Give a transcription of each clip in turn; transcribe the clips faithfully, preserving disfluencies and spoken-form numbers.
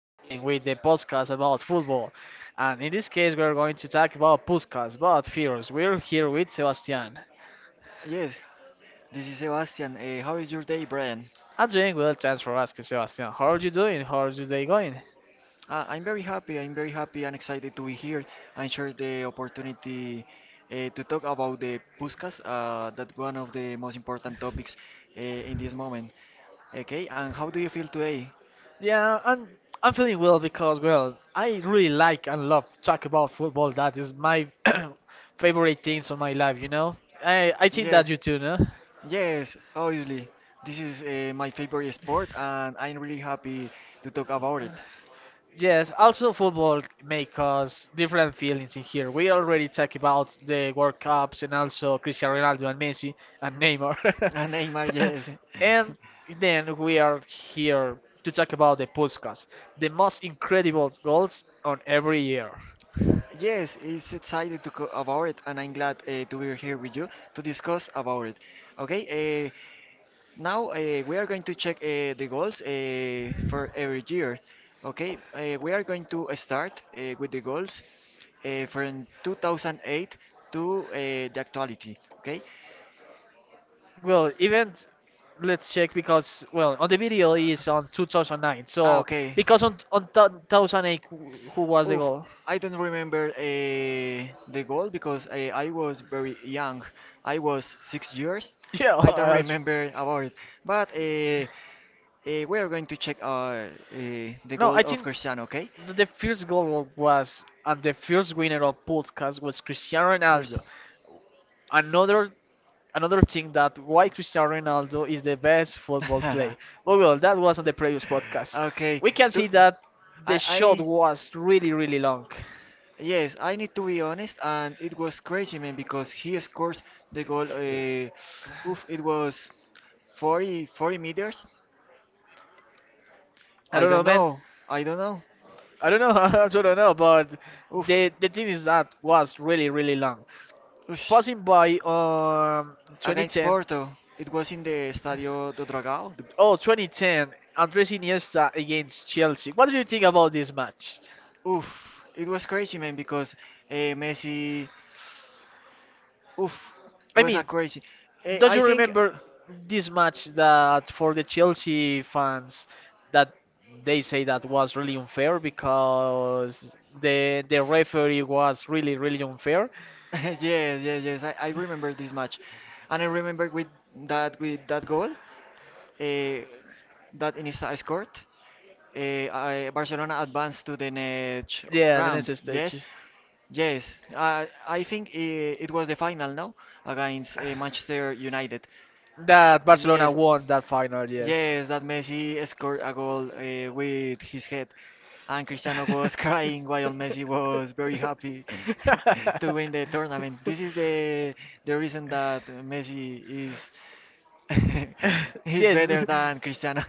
again with the podcast about football. And in this case, we're going to talk about Puskas, about Fears. We're here with Sebastian. Yes, this is Sebastian. Uh, how is your day, Brian? I'm doing well, thanks for asking, Sebastian. How are you doing? How is your day going? Uh, I'm very happy. I'm very happy and excited to be here and share the opportunity uh, to talk about the Puskas, uh, that one of the most important topics uh, in this moment. Okay, and how do you feel today? Yeah, I'm I'm feeling well because well, I really like and love talk about football. That is my favorite things on my life, you know. I I think that Yes, you too, no? yes, obviously. This is uh, my favorite sport, and I'm really happy to talk about it. Yes, also football may cause different feelings in here. We already talked about the World Cups and also Cristiano Ronaldo, Ronaldo and Messi and Neymar. Neymar. And Neymar, yes. And And then we are here to talk about the Puskas, the most incredible goals on every year. Yes, it's excited to go about it, and I'm glad uh, to be here with you to discuss about it. Okay, now uh, we are going to check uh, the goals uh, for every year. Okay, uh, we are going to start uh, with the goals uh, from two thousand eight to uh, the actuality. Okay. Well, even let's check because well, on the video is on two thousand nine. Ah, So okay. because on on two thousand eight, who who was the Oof, goal? I don't remember uh, the goal because I, I was very young. I was six years. Yeah, I don't I also. remember about it. But uh, Uh, we are going to check uh, uh, the No, goal I of think Cristiano, okay? th- the first goal was and the first winner of podcast was Cristiano Where's- Ronaldo. Another another thing that why Cristiano Ronaldo is the best football player. But well, that was on the previous podcast. okay. We can to- see that the I, shot I, was really really long. yes, I need to be honest, and it was crazy, man, because he scored the goal. Uh, oof, it was forty forty meters. I I don't know, don't man. know. I don't know. I don't know. I also don't know, but Oof. the the thing is that was really really long. Oosh. Passing by um Against twenty ten. Porto. It was in the Stadio do Dragão. The- Oh, twenty ten, Andres Iniesta against Chelsea. What do you think about this match? Oof, it was crazy, man, because uh, Messi. Oof, I was a mean, crazy. Eh, don't I you think. remember this match that for the Chelsea fans that they say that was really unfair because the the referee was really really unfair. Yes, yes, yes. I, I remember this match, and I remember with that with that goal, uh, that Iniesta scored. Uh, I, Barcelona advanced to the next Yeah, the round. next Yes, stage. yes, I I think it, it was the final, no? Against uh, Manchester United. That Barcelona Yes, won that final, yes. yes, that Messi scored a goal uh, with his head, and Cristiano was crying while Messi was very happy to win the tournament. This is the the reason that Messi is is Yes, better than Cristiano.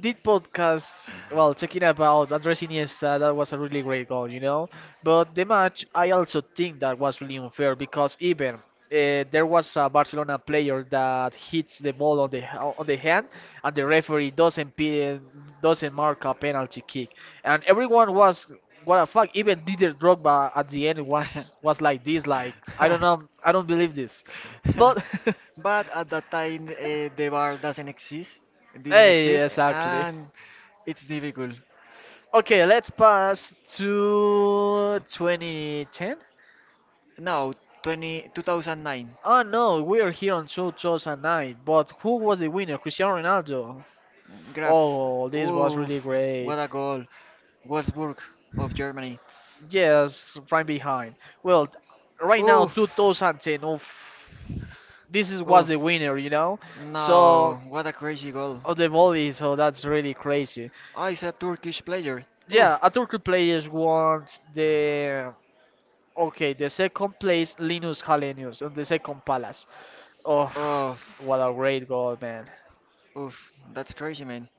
did podcast well talking about Andres Iniesta that was a really great goal, you know, but the match I also think that was really unfair because even uh, there was a Barcelona player that hits the ball on the on the hand and the referee doesn't pe- doesn't mark a penalty kick and everyone was what a fuck, even Didier Drogba at the end was was like this, like I don't know, I don't believe this. But But at that time, uh, the bar doesn't exist, it didn't hey, exist, exactly. and it's difficult. Okay, let's pass to twenty ten. Now, twenty, two thousand nine, Oh no, we are here on two thousand nine. But who was the winner? Cristiano Ronaldo. Graf, Oh, this was oof, really great. what a goal. Wolfsburg of Germany, Yes, right behind. Well, t- right now oof, two thousand ten. Oh, this is was oof, the winner, you know. So no, what a crazy goal. of the volley, so that's really crazy. Ah, it's a Turkish player, Yeah, oof, a Turkey players want the okay, the second place Linus Hallenius on the second palace. Oh, oof, what a great goal, man. oof, that's crazy, man.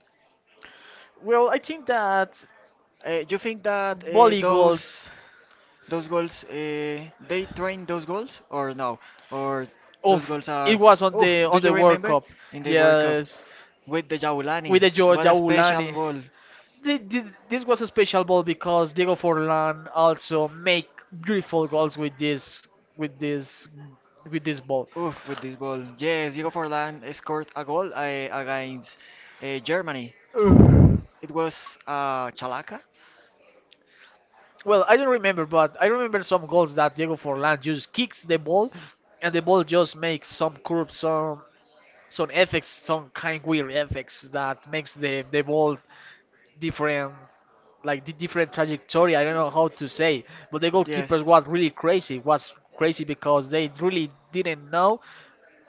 Well, I think that Uh, you think that uh, volley those goals Those goals, uh, they train those goals or no? Or those of goals are, it was on oof, the do on the you World remember Cup. in the World Cup Yes, with the Jaulani? with the Joe What a special Jaulani. goal. Thi- thi- This was a special ball because Diego Forlan also make beautiful goals with this with this with this ball. Oof, with this ball. Yes, Diego Forlan scored a goal uh, against uh, Germany. Ugh. It was uh, Chalaka. Well, I don't remember, but I remember some goals that Diego Forlan just kicks the ball, and the ball just makes some curve, some some effects, some kind weird effects that makes the the ball different, like the different trajectory. I don't know how to say, but the Yes. goalkeepers was really crazy. Was crazy because they really didn't know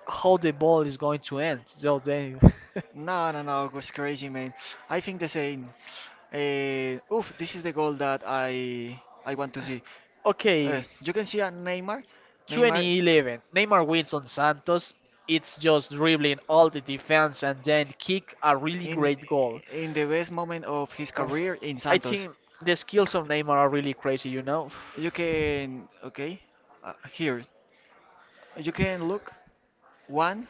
how the ball is going to end. So they, No, no, no, it was crazy, man. I think the same. Uh, oof, this is the goal that I I want to see. Uh, okay, You can see a Neymar, Neymar two thousand eleven, Neymar wins on Santos. It's just dribbling all the defense and then kick a really in great goal. in the best moment of his Oof, career in I Santos. think the skills of Neymar are really crazy, you know. You can okay uh, here. You can look one,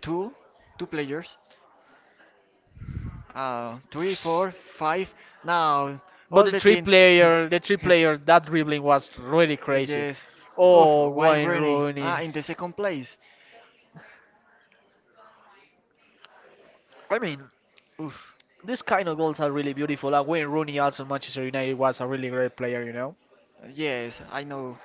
two, two players. Uh, three, four, five. Now But all the the three team. player, the three player, that dribbling was really Uh, crazy. yes. Oof, Oh, Wayne Wayne Rooney. Rooney. Ah, in the second place. I mean, Oof. these kind of goals are really beautiful. And Wayne Rooney also Manchester United was a really great player, you know. Yes, I know.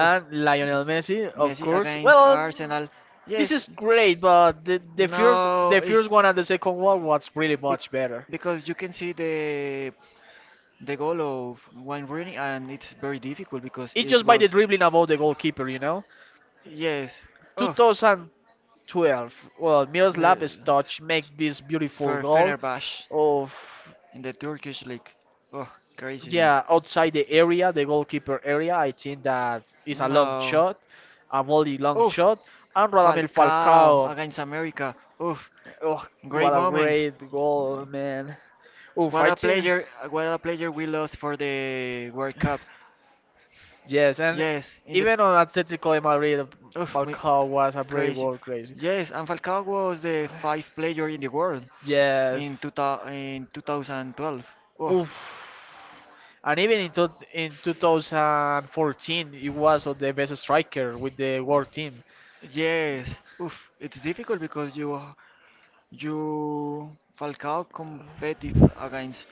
Oof. Mm. Lionel Messi, of Messi course. against Well, Arsenal. this Yes. is great, but the, the first No, the first it's one and the second one was really bec- much better. because you can see the the goal of Wayne Rooney and it's very difficult because It's it just by was the dribbling about the goalkeeper, you know. yes. Oof. two thousand, twelve. Well, Mi- Miroslav's touch make this beautiful For goal Fenerbahce of in the Turkish league. Oh, crazy man. yeah, outside the area, the goalkeeper area, I think that is a long No. shot, a volley long Oof. shot. And Radamel Falcao Falcao, against America. Oof, oh, what great a moments. great goal, man. Oof, What I a think, player! What a player we lost for the World Cup. yes, and Yes, in the even on Atletico de Madrid, oof, we- Falcao was a brave crazy. goal, crazy. Yes, and Falcao was the five player in the world in Yes, two thou- in twenty twelve. Oh, Oof. And even in, to in two thousand fourteen, he was on the best striker with the world team. yes. Oof, it's difficult because you you Falcao competitive against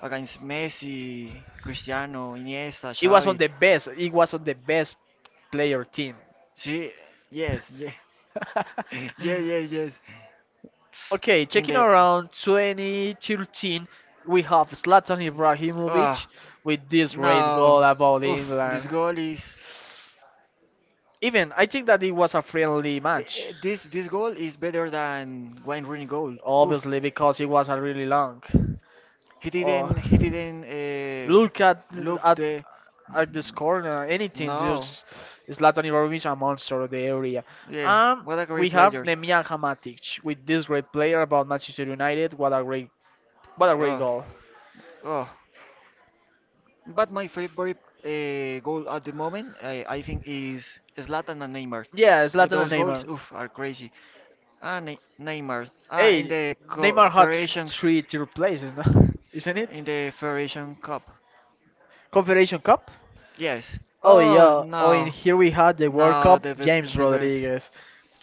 against Messi, Cristiano, Iniesta, He was on Xavi. the best. He was on the best player team. She, yes, yeah, yeah, yeah, yes. Okay, In checking the, oh. around twenty thirteen, we have Zlatan Ibrahimovic with this great goal No, about oof, this England. goal is, eh, Even I think that it was a friendly match, eh, this this goal is better than Wayne Rooney goal. Oof, obviously because it was a really long. He or didn't he didn't uh, look at th- at the, at this corner, anything. no, Just Zlatan Ibrahimovic, a monster of the area. yeah, Um, what a we great have player. Nemanja Matic with this great player about Manchester United. What a great, what a great Oh, goal. oh. But my favorite uh, goal at the moment, I, I think, is Zlatan and Neymar. Yeah, Uh, Zlatan ththose and goals, Neymar. oof, are crazy. Ah, ne Neymar. Ah, in Hey, the co Neymar had th- Federations, three third places, no? Isn't in it? the Federation Cup. Confederation Cup. Yes. Oh Oh yeah. Oh, and no, here we had the World no, Cup. the ve- James the verse. Rodriguez.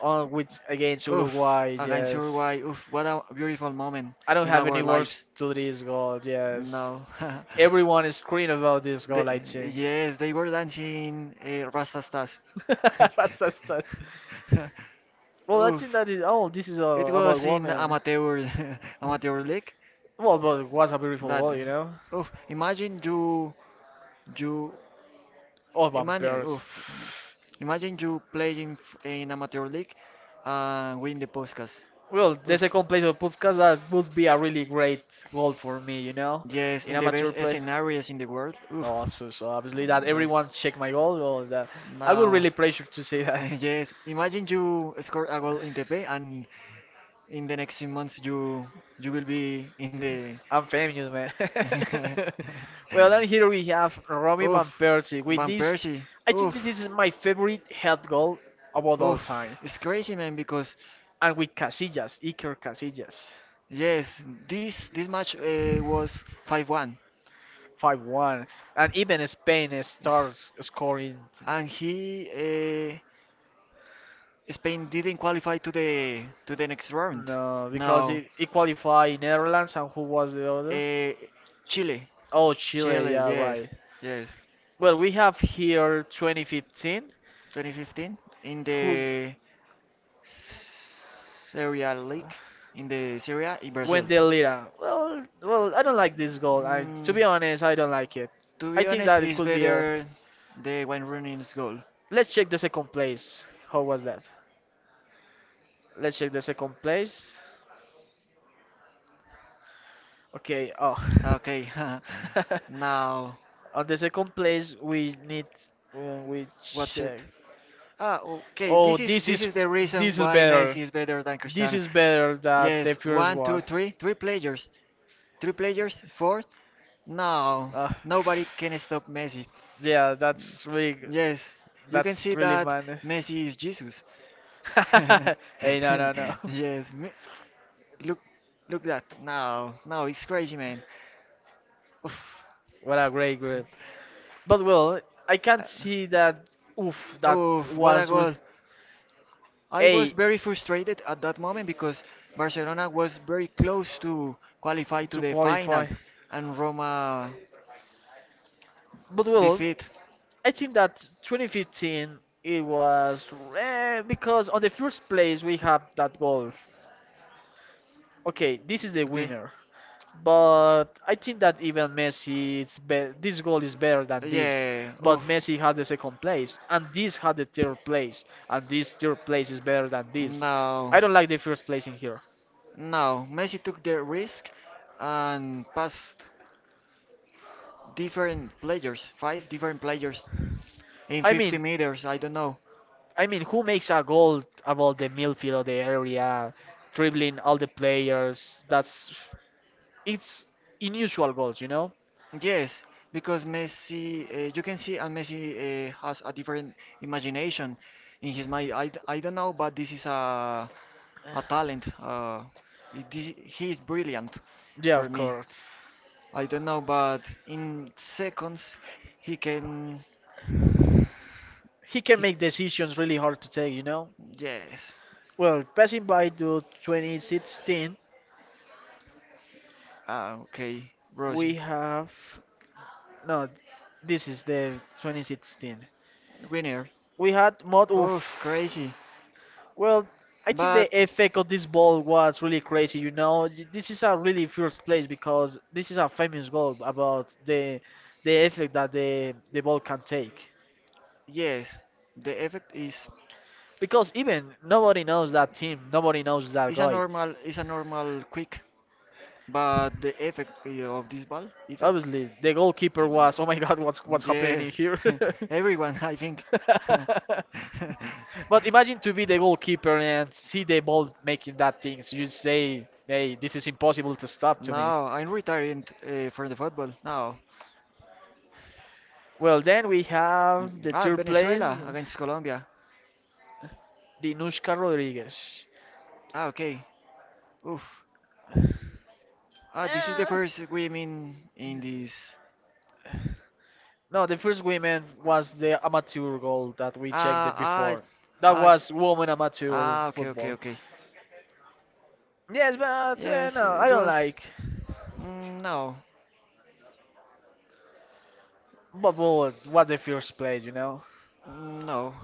On which against Oof, Uruguay. against Yes, Uruguay. Oof, what a beautiful moment I don't in have our any words lives. to this goal. Yes, No. everyone is screaming about this They, goal. I think. yes, they were dancing uh, Rastastas. That's, that's, that's. Well, I think Oof. that is. Oh, this is uh, It about was in women. amateur amateur league, Well, but it was a beautiful but goal, you know. oof, imagine you you Oh, Imagine, vampires. oof, imagine you playing f- in amateur league and win the podcast. Well, the Oof. second place of podcast that would be a really great goal for me, you know, Yes, in in the best amateur play. scenarios in the world. Oof. Oh, so, so obviously that Yeah. everyone check my goal. Well, that I would Now, really pressure to say that. yes, imagine you score a goal in the pay and in the next months you you will be in the. I'm famous, man. Well, and here we have Robin Van Oof. Persie. With Van this, Persie. I think that Oof. this is my favorite head goal about all Oof, time. it's crazy, man. Because And with Casillas, Iker Casillas, yes, this this match uh, was five one. five one. And even Spain It's- starts scoring. And he uh, Spain didn't qualify to the to the next round. No, because No, it it qualified Netherlands, and who was the other? uh, Chile. Oh, Chile, Chile, yeah, yes, right. yes. Well, we have here twenty fifteen. twenty fifteen in Who? the Serie A League, in the Serie A in Brazil. Wendell Lira. Well, well, I don't like this goal. I, to Mm, be honest, I don't like it. to I be think honest, that it it's could be a. better the Wayne Rooney's goal. Let's check the second place. How was that? Let's check the second place. Okay. Oh, Okay, now on the second place we need uh, we what's check. it? Ah, okay. Oh, This Oh, is this this is is is the reason this is why better. Messi is better than This This Cristiano. is better than the Yes, first one, two, one. Cristiano. Three, three players, three players, four. No, Uh, nobody can stop Messi. yeah, that's really g- Yes, you can that's see really that man. Messi is Jesus. Hey, no, no, no. Yes, me- look, look that. Now, now it's crazy, man. Oof. What a great grade. But well, I can't see that. Oof, that Oof, what a was really goal. I was a very frustrated at that moment because Barcelona was very close to qualify to to the qualify. final and Roma But well, defeat. I think that twenty fifteen it was eh, because on the first place we have that goal. Okay, Okay. this is the winner. But I think that even Messi, it's be- this goal is better than this. Yeah, oof. But Messi had the second place, and this had the third place, and this third place is better than this. No. I don't like the first place in here. No, Messi took the risk and passed different players, five different players in I fifty mean, meters. I don't know. I mean, who makes a goal about the midfield of the area, dribbling all the players? That's it's unusual goals, you know. Yes, because Messi, uh, you can see, and Messi uh, has a different imagination in his mind. I, d- I don't know, but this is a a talent. Uh, it- this, he is brilliant Yeah, for of me. course. I don't know, but in seconds he can. He can make decisions really hard to take, you know. Yes. Well, passing by to twenty sixteen, Ah, okay, We, we Rosie, have no. This is the twenty sixteen. winner. We had mod. Oof, crazy. Oof. Well, I think the But effect of this ball was really crazy. You know, Y- this is a really first place because this is a famous goal about the the effect that the the ball can take. yes, the effect is Because even nobody knows that team, nobody knows that is a guy. normal is a normal quick, but the effect uh, of this ball effect. Obviously, the goalkeeper was, oh my God, what's what's happening in Yes, here? everyone, I think. But imagine to be the goalkeeper and see the ball making that things. You say, hey, this is impossible to stop to me. No, I'm retiring uh, from the football now. Well, then we have Mm, the ah, third place, Venezuela against Colombia. Dinushka Rodriguez. Ah, okay. Oof. Ah, this is the Eh, first women in this. no, the first women was the amateur goal that we checked Ah, it ah, before. That ah, was women amateur ah, okay, okay, football. okay. Yes, but uh, Yes, no, I it don't was. like. Mm, no, But what what the first place, you know? mm, no.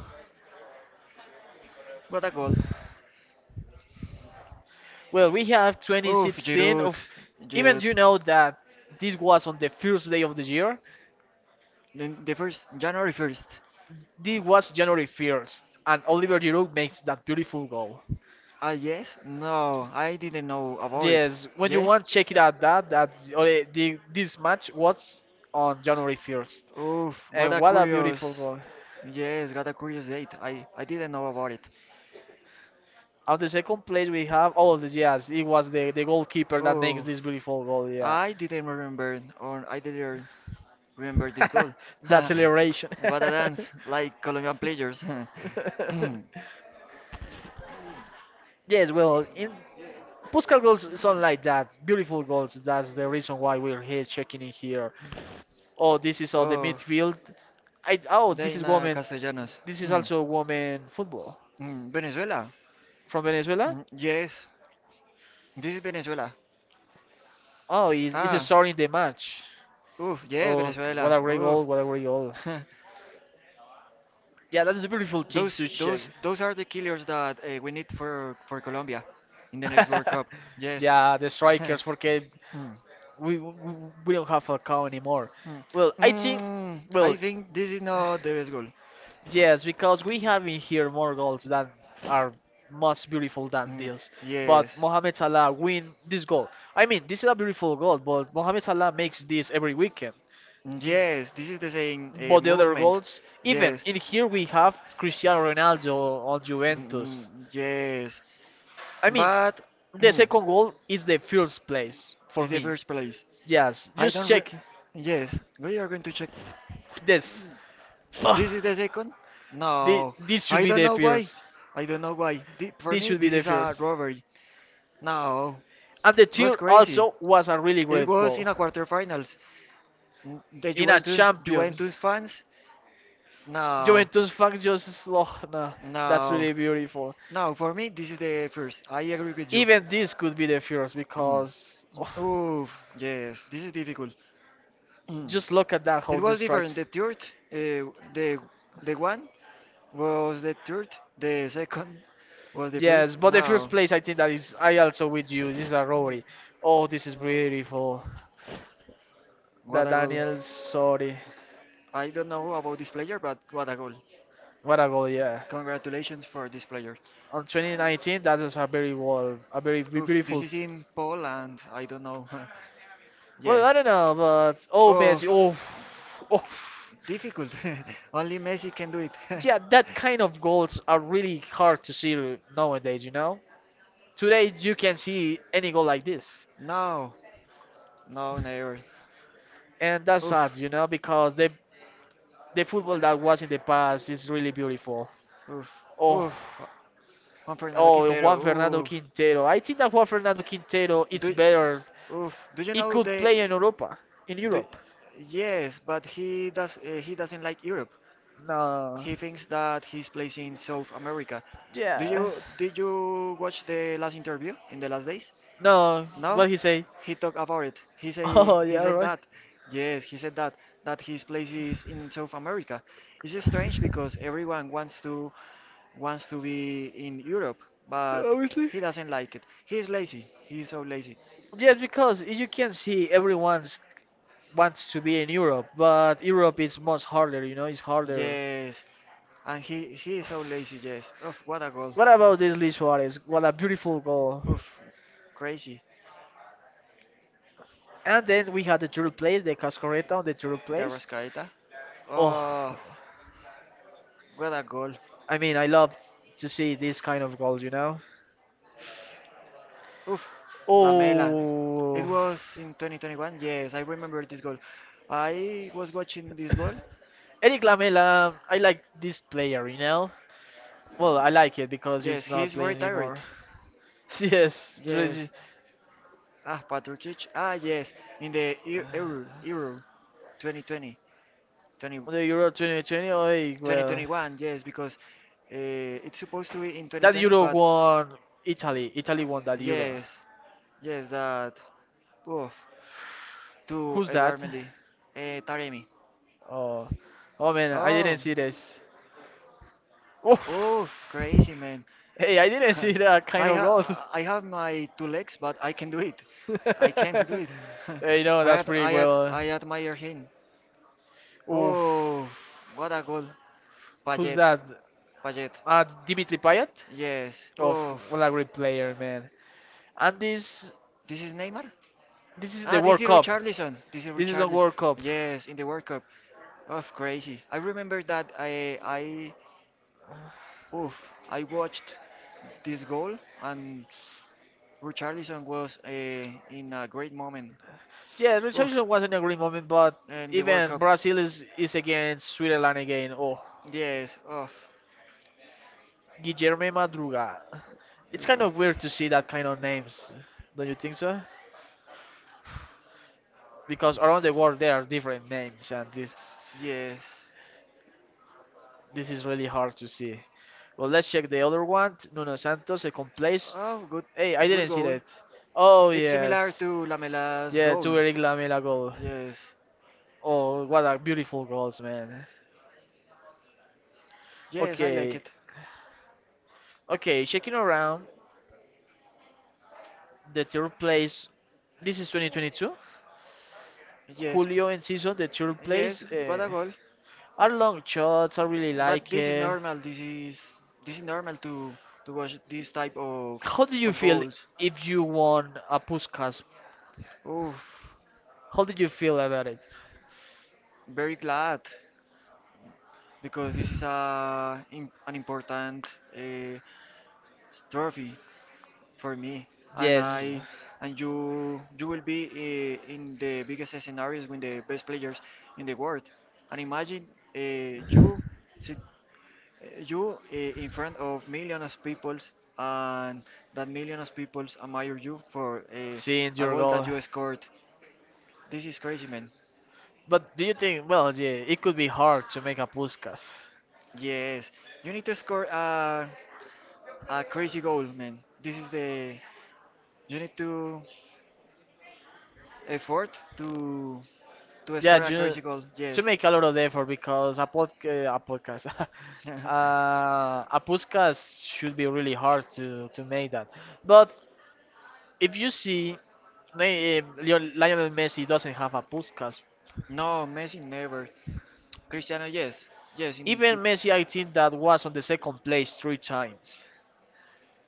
What a goal. Well, we have Oof, twenty sixteen Giroud, of. Even Giroud. you know that this was on the first day of the year. The, the first, January first. This was January first, and Oliver Giroud makes that beautiful goal. Ah, yes? No, I didn't know about it. Yes, when you Yes? want check it out that that or the, the- this match was on January first. Oof, what And a what a beautiful curious. goal. Yes, got a curious date. I, I didn't know about it. On the second place we have oh the yes, it was the, the goalkeeper that makes Oh, this beautiful goal, yeah. I didn't remember, or I didn't remember this goal. That celebration. What a dance, like Colombian players. Yes, well, in Puskas goals sound like that. Beautiful goals. That's the reason why we're here checking in here. Oh, this is all the Oh, midfield. I oh this is Dana woman. Castellanos. This is Mm, also woman football mm, Venezuela. from Venezuela. Mm, yes, this is Venezuela. Oh, he's, he's Ah, starting the match. oof, yes, Oh, what Venezuela. a great goal! Oof. What a great goal! Yeah, that's a beautiful thing Those to check. Those those are the killers that uh, we need for for Colombia in the next World Cup. Yes. Yeah, the strikers, porque Mm, we, we we don't have Falcao anymore. mm. Well, I think, Mm, well, I think this is not the best goal. yes, because we have in here more goals that are much beautiful than Mm, this. But yes. Mohamed Salah win this goal. I mean, this is a beautiful goal, but Mohamed Salah makes this every weekend. Mm. Yes, this is the same uh, But the other movement. goals, even Yes. in here we have Cristiano Ronaldo on Mm, mm, Juventus. yes. I mean, But. the Mm, second goal is the first place for it's the me. first place. Yes, I just don't re- check Yes, we are going to check. this. Ugh, This is the second? thi- No. this should I be don't the know why. first. I don't know why. Thi- For This me, should be this the is a first. robbery. No. And the It was third crazy. also was a really It great was goal. in a quarterfinals. N- The In a Juventus Champions. Juventus fans? No. Juventus fans just oh, no, that's No. really beautiful. No, for me, this is the first. I agree with you. Even this could be the first Mm. because oh, Oof, yes, this is difficult. Mm. just look at that how It was this different. strikes. The third, uh, the the one was the third. The second was the Yes, first. but the first Now, place I think that is I also with you. This is a robbery. Oh, this is beautiful. what That a goal! Daniel, sorry. I don't know about this player, but what a goal! What a goal, yeah. Congratulations for this player. On twenty nineteen, that is a very wall, a very be- Oof, this beautiful. is in Poland. I don't know. Well, Yes. I don't know, but oh, Oh, Messi, oh, oh. difficult. Only Messi can do it. Yeah, that kind of goals are really hard to see nowadays. You know, today you can see any goal like this, No, no, never. and that's sad. Oof, You know, because the the football that was in the past is really beautiful. oof, Oh, oof. Juan Fernando oh, Quintero, Juan Fernando oof. Quintero. I think that Juan Fernando Quintero, it's Do, better. oof. Do you He know could play in they? Europa, in Do, Europe. yes, but he does. Uh, he doesn't like Europe. No. He thinks that he's plays in South America. Do Yeah. you did you watch the last interview in the last days? No, No? what he say? He talked about it. He say Oh he yeah, said right. that. Yes, he said that that his place is in South America. It's just strange because everyone wants to wants to be in Europe, but Obviously. he doesn't like it. He is lazy. He is so lazy. Yes, because you can see everyone wants to be in Europe, but Europe is much harder. You know, it's harder. Yes, and he he is so lazy. Yes. Oh, what a goal! What about this Luis Suarez? What a beautiful goal! Oof, crazy. And then we had the third place, the Cascoreta on the third The place. Rascaeta. Oh, Oh, what a goal. I mean, I love to see these kind of goals. You know. Oof, Lamela. It Oh. was in twenty twenty-one. Yes, I remember this goal. I was watching this goal. Eric Lamela, I like this player, you know? Well, I like it because Yes, he's not he's playing retired. anymore. yes. really. Yes. Ah, Patrick. Ah, yes. In the Eu- Euro, Euro twenty twenty, The Euro twenty twenty, oh, well. twenty twenty-one. Yes, because uh, it's supposed to be in That twenty twenty, Euro but won Italy. Italy won that Euro. yes, yes, that oof. To Who's that? Eduardo Mendy. Eh, Taremi. Oh, oh man, I Oh. didn't see this. Oh, Oof. Crazy, man. hey, I didn't see that kind I of goals. ha I have my two legs, but I can do it. I can't do it. hey, no, I that's ad pretty I ad well. uh, I admire him. Oof. Oof. What a goal. Who's Payet. that? Payet. Uh, Dimitri Payet? Yes. Of Oof. what a great player, man. And this This is Neymar? this is Ah, the this World is Cup. Richarlison. This is This is a Richarlison. World Cup. Yes, in the World Cup. Oof, crazy. I remember that I I oof, I watched this goal, and Richarlison was uh, in a great moment. Yeah, Oof, Richardson wasn't a great moment, but and the World even Cup. Brazil is, is against Switzerland again. Oh, Yes, oof. Guilherme Madruga. It's kind of weird to see that kind of names, don't you think so? Because around the world there are different names, and this Yes. this is really hard to see. Well, let's check the other one. Nuno Santos, second place. Oh, good, Hey, I good didn't see goal. that. Oh, It's similar yes. to Lamela's Yeah, goal. to Eric Lamela goal. Yes. Oh, what a beautiful goals, man. Yes, I like Okay, it. okay, checking around the third place. This is twenty twenty-two. Yes. Julio in season, the third place. Yes, what Uh, a goal. I Are long shots. I really But like this is it. normal. This is this is normal to to watch this type of How do you of feel goals. if you won a Puskas? Oof, How did you feel about it? very glad because this is a im- an important uh, trophy for me, and Yes. I and you you will be uh, in the biggest scenarios with the best players in the world. And imagine uh, you sit uh, you uh, in front of millions of peoples and that millions of peoples admire you for uh, Seeing a your goal that goal. you scored. This is crazy, man. But do you think? Well, yeah, it could be hard to make a podcast. Yes, you need to score a, a crazy goal, man. This is the you need to effort to to Yeah, score a you crazy goal. to Yes. make a lot of effort because a pod, uh, a podcast, uh, a podcast should be really hard to to No, make that. But if you see, Li- eh, Leo- Lionel Messi doesn't have a podcast. Messi never. Cristiano, yes. Yes, in Even two. Messi, I think that was on the second place three times.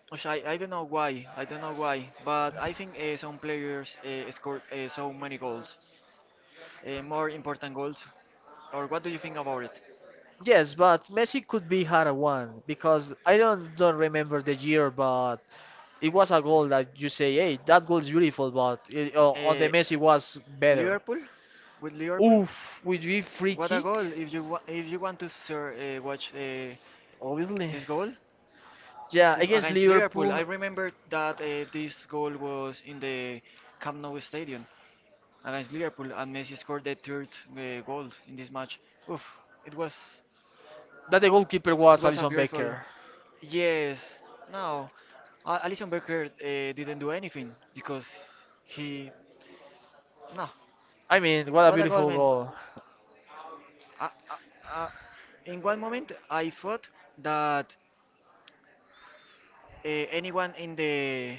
Which I, I don't know why, I don't know why, but I think uh, some players uh, scored uh, so many goals, uh, more important goals. Or what do you think about it? Yes, but Messi could be had a one because I don't don't remember the year, but it was a goal that you say, hey, that goal is beautiful, but it, uh, on the Uh, Messi was better. Liverpool? With Liverpool? Oof, would be free What a goal! kick, If you wa- if you want to sir, uh, watch uh, obviously. this goal. Yeah, Oof, against against Liverpool, Liverpool, I remember that uh, this goal was in the Camp Nou Stadium against Liverpool, and Messi scored the third uh, goal in this match. Oof, it was that the goalkeeper It was was a Alison beautiful. Becker. Yes. No, uh, Alison Becker uh, didn't do anything because he. No. I mean, what a What a goal, beautiful man. goal. Uh, uh, uh, in one moment, I thought that uh, anyone in the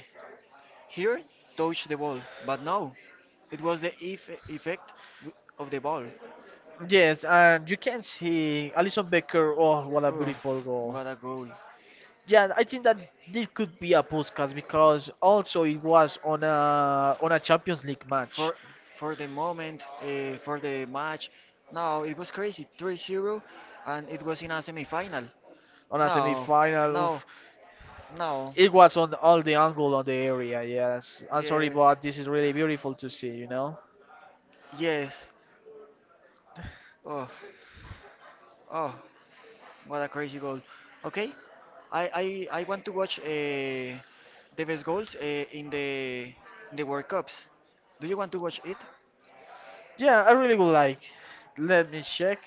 here touched the ball, but no, it was the eff effect wi- of the ball. Yes, and you can see Alison Becker. Oh, what a Ugh, beautiful goal. what a goal! Yeah, I think that this could be a podcast because also it was on a on a Champions League match. For for the moment uh, for the match. No, it was crazy, three zero, and it was in a semifinal. On a No, semi-final. no, Oof. no. It was on all the angle on the area. Yes, I'm sorry, Yes, but this is really beautiful to see. You know. yes. Oh, oh, what a crazy goal. Okay, i i, I want to watch uh, the best goals uh, in the in the world cups. Do you want to watch it? Yeah, I really would like. Let me check.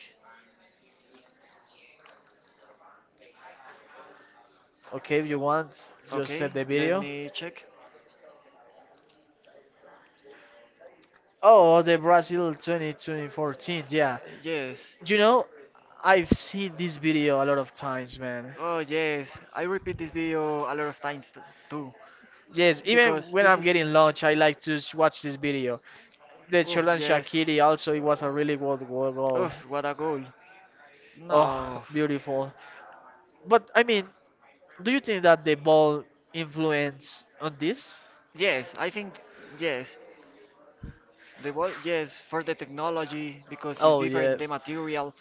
Okay, if you want, just Okay, set the let video. me check. Oh, the Brazil twenty twenty fourteen. Yeah, Yes. you know, I've seen this video a lot of times, man. Oh, yes. I repeat this video a lot of times t- too, Yes, even because when this I'm is. getting lunch, I like to s- watch this video. The Oh, Cholan yes. Shakiri also, it was a really good goal. Well. goal. Oh, what a goal. Oh, No. beautiful. But I mean, do you think that the ball influence on this? Yes, I think yes. The ball, yes, for the technology because it's Oh different, the yes. material.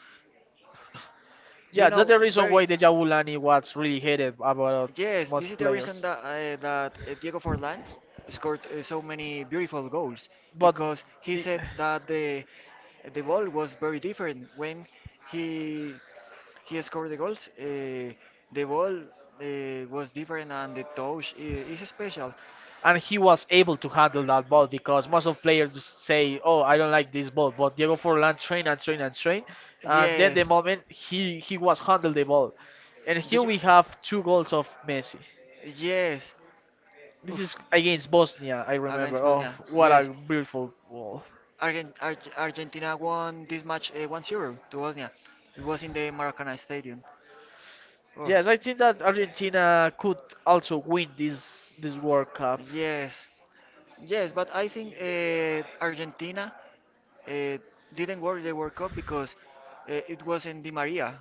You Yeah, that's know, the reason very. why Why? Deja Vu Lani was really hated about Yes, this most is the reason players. that uh, that uh, Diego Forlan scored uh, so many beautiful goals But because he be- said that the the ball was very different when he he scored the goals. Uh, the ball uh, was different and the touch uh, is special. and he was able to handle that ball because most of players say, "Oh, I don't like this ball," but Diego Forlan trained and trained and trained, and then the Yes. moment he he was handled the ball, and Do here you- we have two goals of Messi. Yes. This is Oof. against Bosnia, I remember. Against Oh, Bosnia. what a Yes. beautiful goal. Argen- Arge- Argentina won this match uh, one zero to Bosnia. It was in the Maracanã Stadium. Oh. Yes, I think that Argentina could also win this this World Cup. Yes, yes, but I think uh, Argentina uh, didn't win the World Cup because uh, it wasn't Di Maria.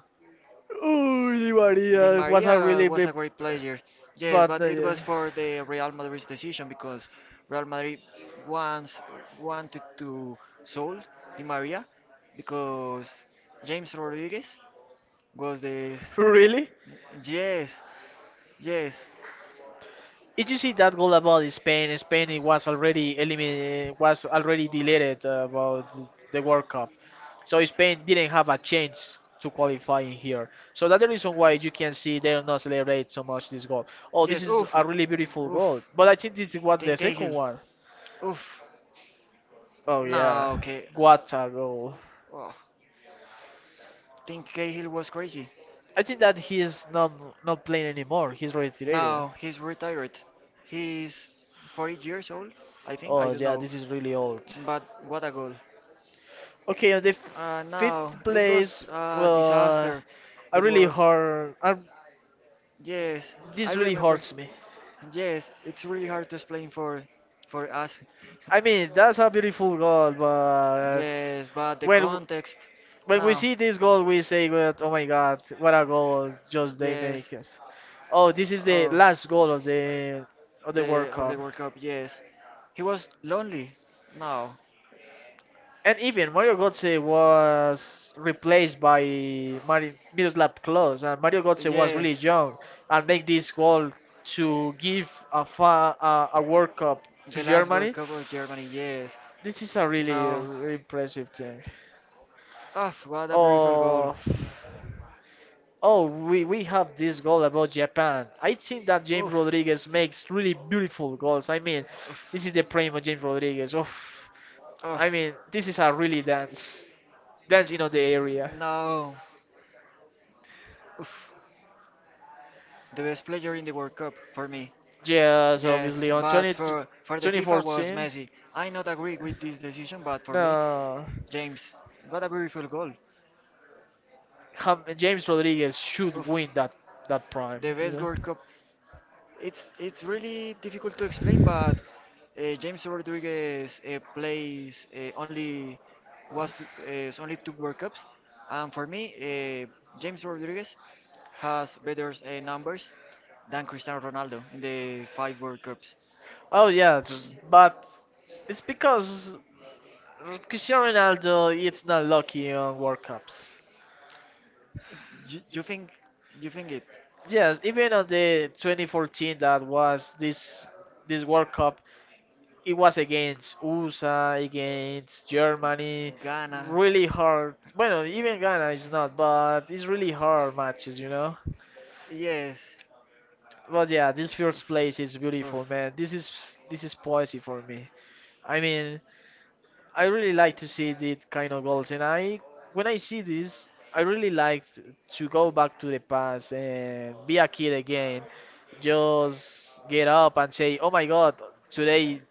Oh, Di Di Maria it was a Maria really was big, a great player, yes, but but uh, it yes. was for the Real Madrid's decision because Real Madrid once wanted to sold Di Maria because James Rodriguez was this. Really? Yes, yes, Did you see that goal about Spain? Spain it was already eliminated, was already deleted uh, about the World Cup, so Spain didn't have a chance to qualify in here. So that's the reason why you can see they do not celebrate so much this goal. Oh, this yes. is Oof, a really beautiful goal, oof. but I think this was Tim the second Cahill, one. oof. Oh No, yeah, okay. what a goal! Oh, Tim Cahill was crazy. I think that he is not not playing anymore. He's retired. Now he's retired. He's forty years old, I think. I Oh don't yeah, know. this is really old. But what a goal. Okay, on the Uh, now fifth it place, was a well, disaster. I It really was, hurt. I, yes, I this really remember. hurts me. Yes, it's really hard to explain for for us. I mean, that's a beautiful goal, but Yes, but the when w- context. when we Now, see this goal, we say, well, "Oh my God, what a goal! Just they yes, make it." Oh, this is the Oh, last goal of the of the World the of the Cup. World Cup, yes. He was lonely. No. And even Mario Götze was replaced by Mari- Miroslav Klose, and Mario Götze was really Yes. young and make this goal to give a, fa- a, a World Cup to The last World Germany. Cup of Germany, yes. This is a really, No. really impressive thing. Oh, what a beautiful goal. Oh, oh, we, we have this goal about Japan. I think that James Oof. Rodriguez makes really beautiful goals. I mean, Oof. this is the prime of James Rodriguez. Oh, Oof. I mean, this is a really dance, dance in the area. No. Oof. The best player in the World Cup for me. Yes, Yes, obviously on but twenty for for the twenty FIFA was fourteen. Messi. I not agree with this decision, but for me, No, James, what a beautiful goal. Ham- James Rodriguez should Oof. win that that prime. The You best know? World Cup It's it's really difficult to explain, but uh, James Rodriguez uh, plays uh, only was uh, only two World Cups, and for me, uh, James Rodriguez has better uh, numbers than Cristiano Ronaldo in the five World Cups. Oh yeah, it's- but it's because Cristiano Ronaldo it's not lucky on World Cups. Do you think you think it? Yes, even on the twenty fourteen that was this this World Cup, it was against U S A, against Germany, Ghana. really hard. Well, even Ghana is not, but it's really hard matches, you know. Yes. But yeah, this first place is beautiful, Oof. man. This is this is poesy for me. I mean, I really like to see these kind of goals, and I when I see this, I really like to go back to the past and be a kid again. Just get up and say, "Oh my God, today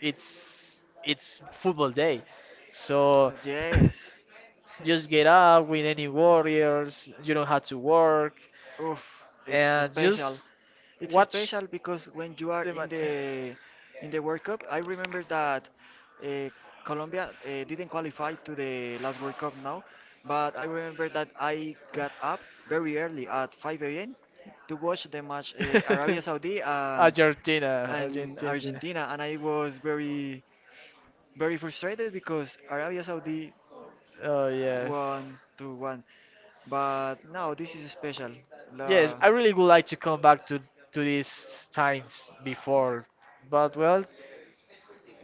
it's it's football day. So Yes. just get up with any warriors, you don't have to work Oof. It's and special. just It's watch special because when you are the in match. the in the World Cup, I remember that uh, Colombia uh, didn't qualify to the last World Cup now, but I remember that I got up very early at five a m to watch the match uh, Arabia Saudi and Argentina, and Argentina. Argentina, and I was very very frustrated because Arabia Saudi Oh yes. won to one, but now this is special. Yes, La- I really would like to come back to to these times before, but well,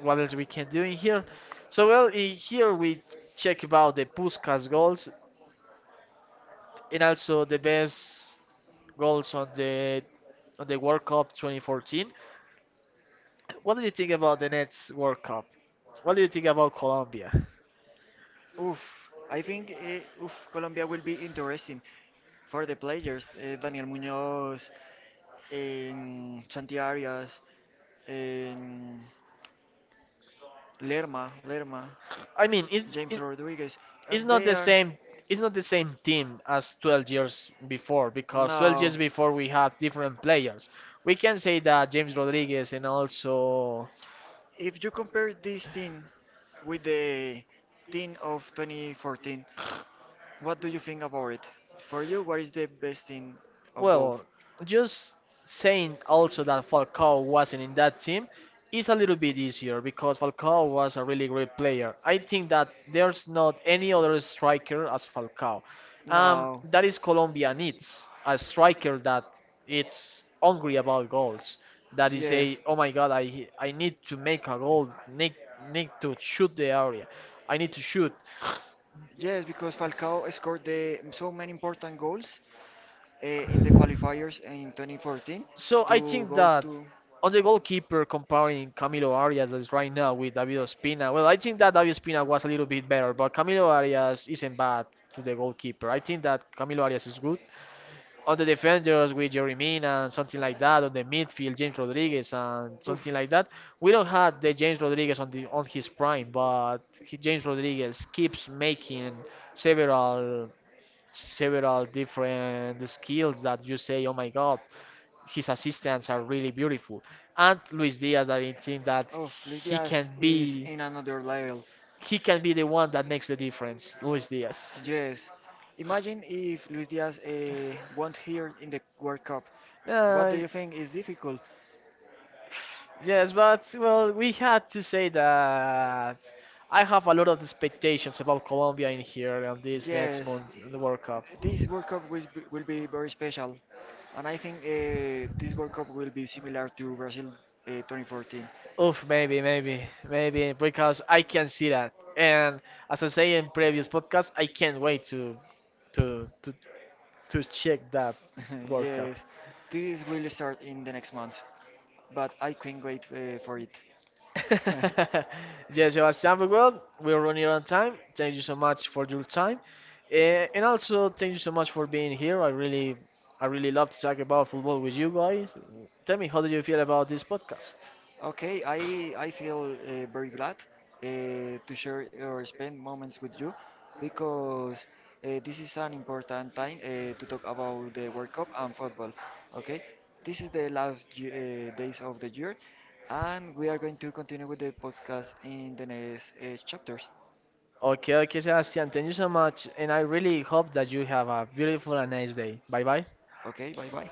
what else we can do in here? So well, in here we check about the Puskas goals and also the best goals on the on the World Cup twenty fourteen. What do you think about the next World Cup? What do you think about Colombia? Oof, I think uh, oof, Colombia will be interesting for the players. Uh, Daniel Muñoz, in Chanti Arias, in Lerma, Lerma, I mean, is James is Rodriguez. Uh, it's not they the are same it's not the same team as twelve years before because twelve no. years before we had different players. We can say that James Rodriguez and also. If you compare this team with the team of twenty fourteen, what do you think about it? For you, what is the best team of both? Well, just saying also that Falcao wasn't in that team is a little bit easier because Falcao was a really great player. I think that there's not any other striker as Falcao. Um, No. That is Colombia needs a striker that it's hungry about goals. That is Yes. a oh my god, I I need to make a goal, need need to shoot the area, I need to shoot. Yes, because Falcao scored the, so many important goals uh, in the qualifiers in twenty fourteen So I to think go that to. on the goalkeeper, comparing Camilo Arias as right now with David Ospina, well, I think that David Ospina was a little bit better, but Camilo Arias isn't bad to the goalkeeper. I think that Camilo Arias is good. On the defenders with Jerry Mina and something like that, on the midfield, James Rodriguez and something like Oof. that. We don't have the James Rodriguez on the on his prime, but he, James Rodriguez keeps making several several different skills that you say, oh my god, his assistants are really beautiful. And Luis Diaz, I think that Oof, Luis he Diaz can is be in another level. he can be the one that makes the difference. Luis Diaz. Yes. Imagine if Luis Diaz uh, won't here in the World Cup. What Uh, do you think is difficult? yes, but well, we had to say that I have a lot of expectations about Colombia in here on this next Yes, month, in the World Cup. this World Cup will be, will be very special, and I think uh, this World Cup will be similar to Brazil uh, twenty fourteen. Oof, maybe, maybe, maybe, because I can see that. And as I say in previous podcasts, I can't wait to to to, to check that World Cup. Yes, this will start in the next month, but I can't wait uh, for it. yes, Sebastian, very well, we're running out of time. Thank you so much for your time. Eh, and also thank you so much for being here. I really, I really love to talk about football with you guys. Tell me, how do you feel about this podcast? Okay, I I feel uh, very glad uh, to share or spend moments with you because uh, this is an important time uh, to talk about the World Cup and football. Okay, this is the last ye- uh, days of the year, and we are going to continue with the podcast in the next uh, chapters. Okay, okay, Sebastian, thank you so much, and I really hope that you have a beautiful and nice day. Bye bye. Okay, bye bye.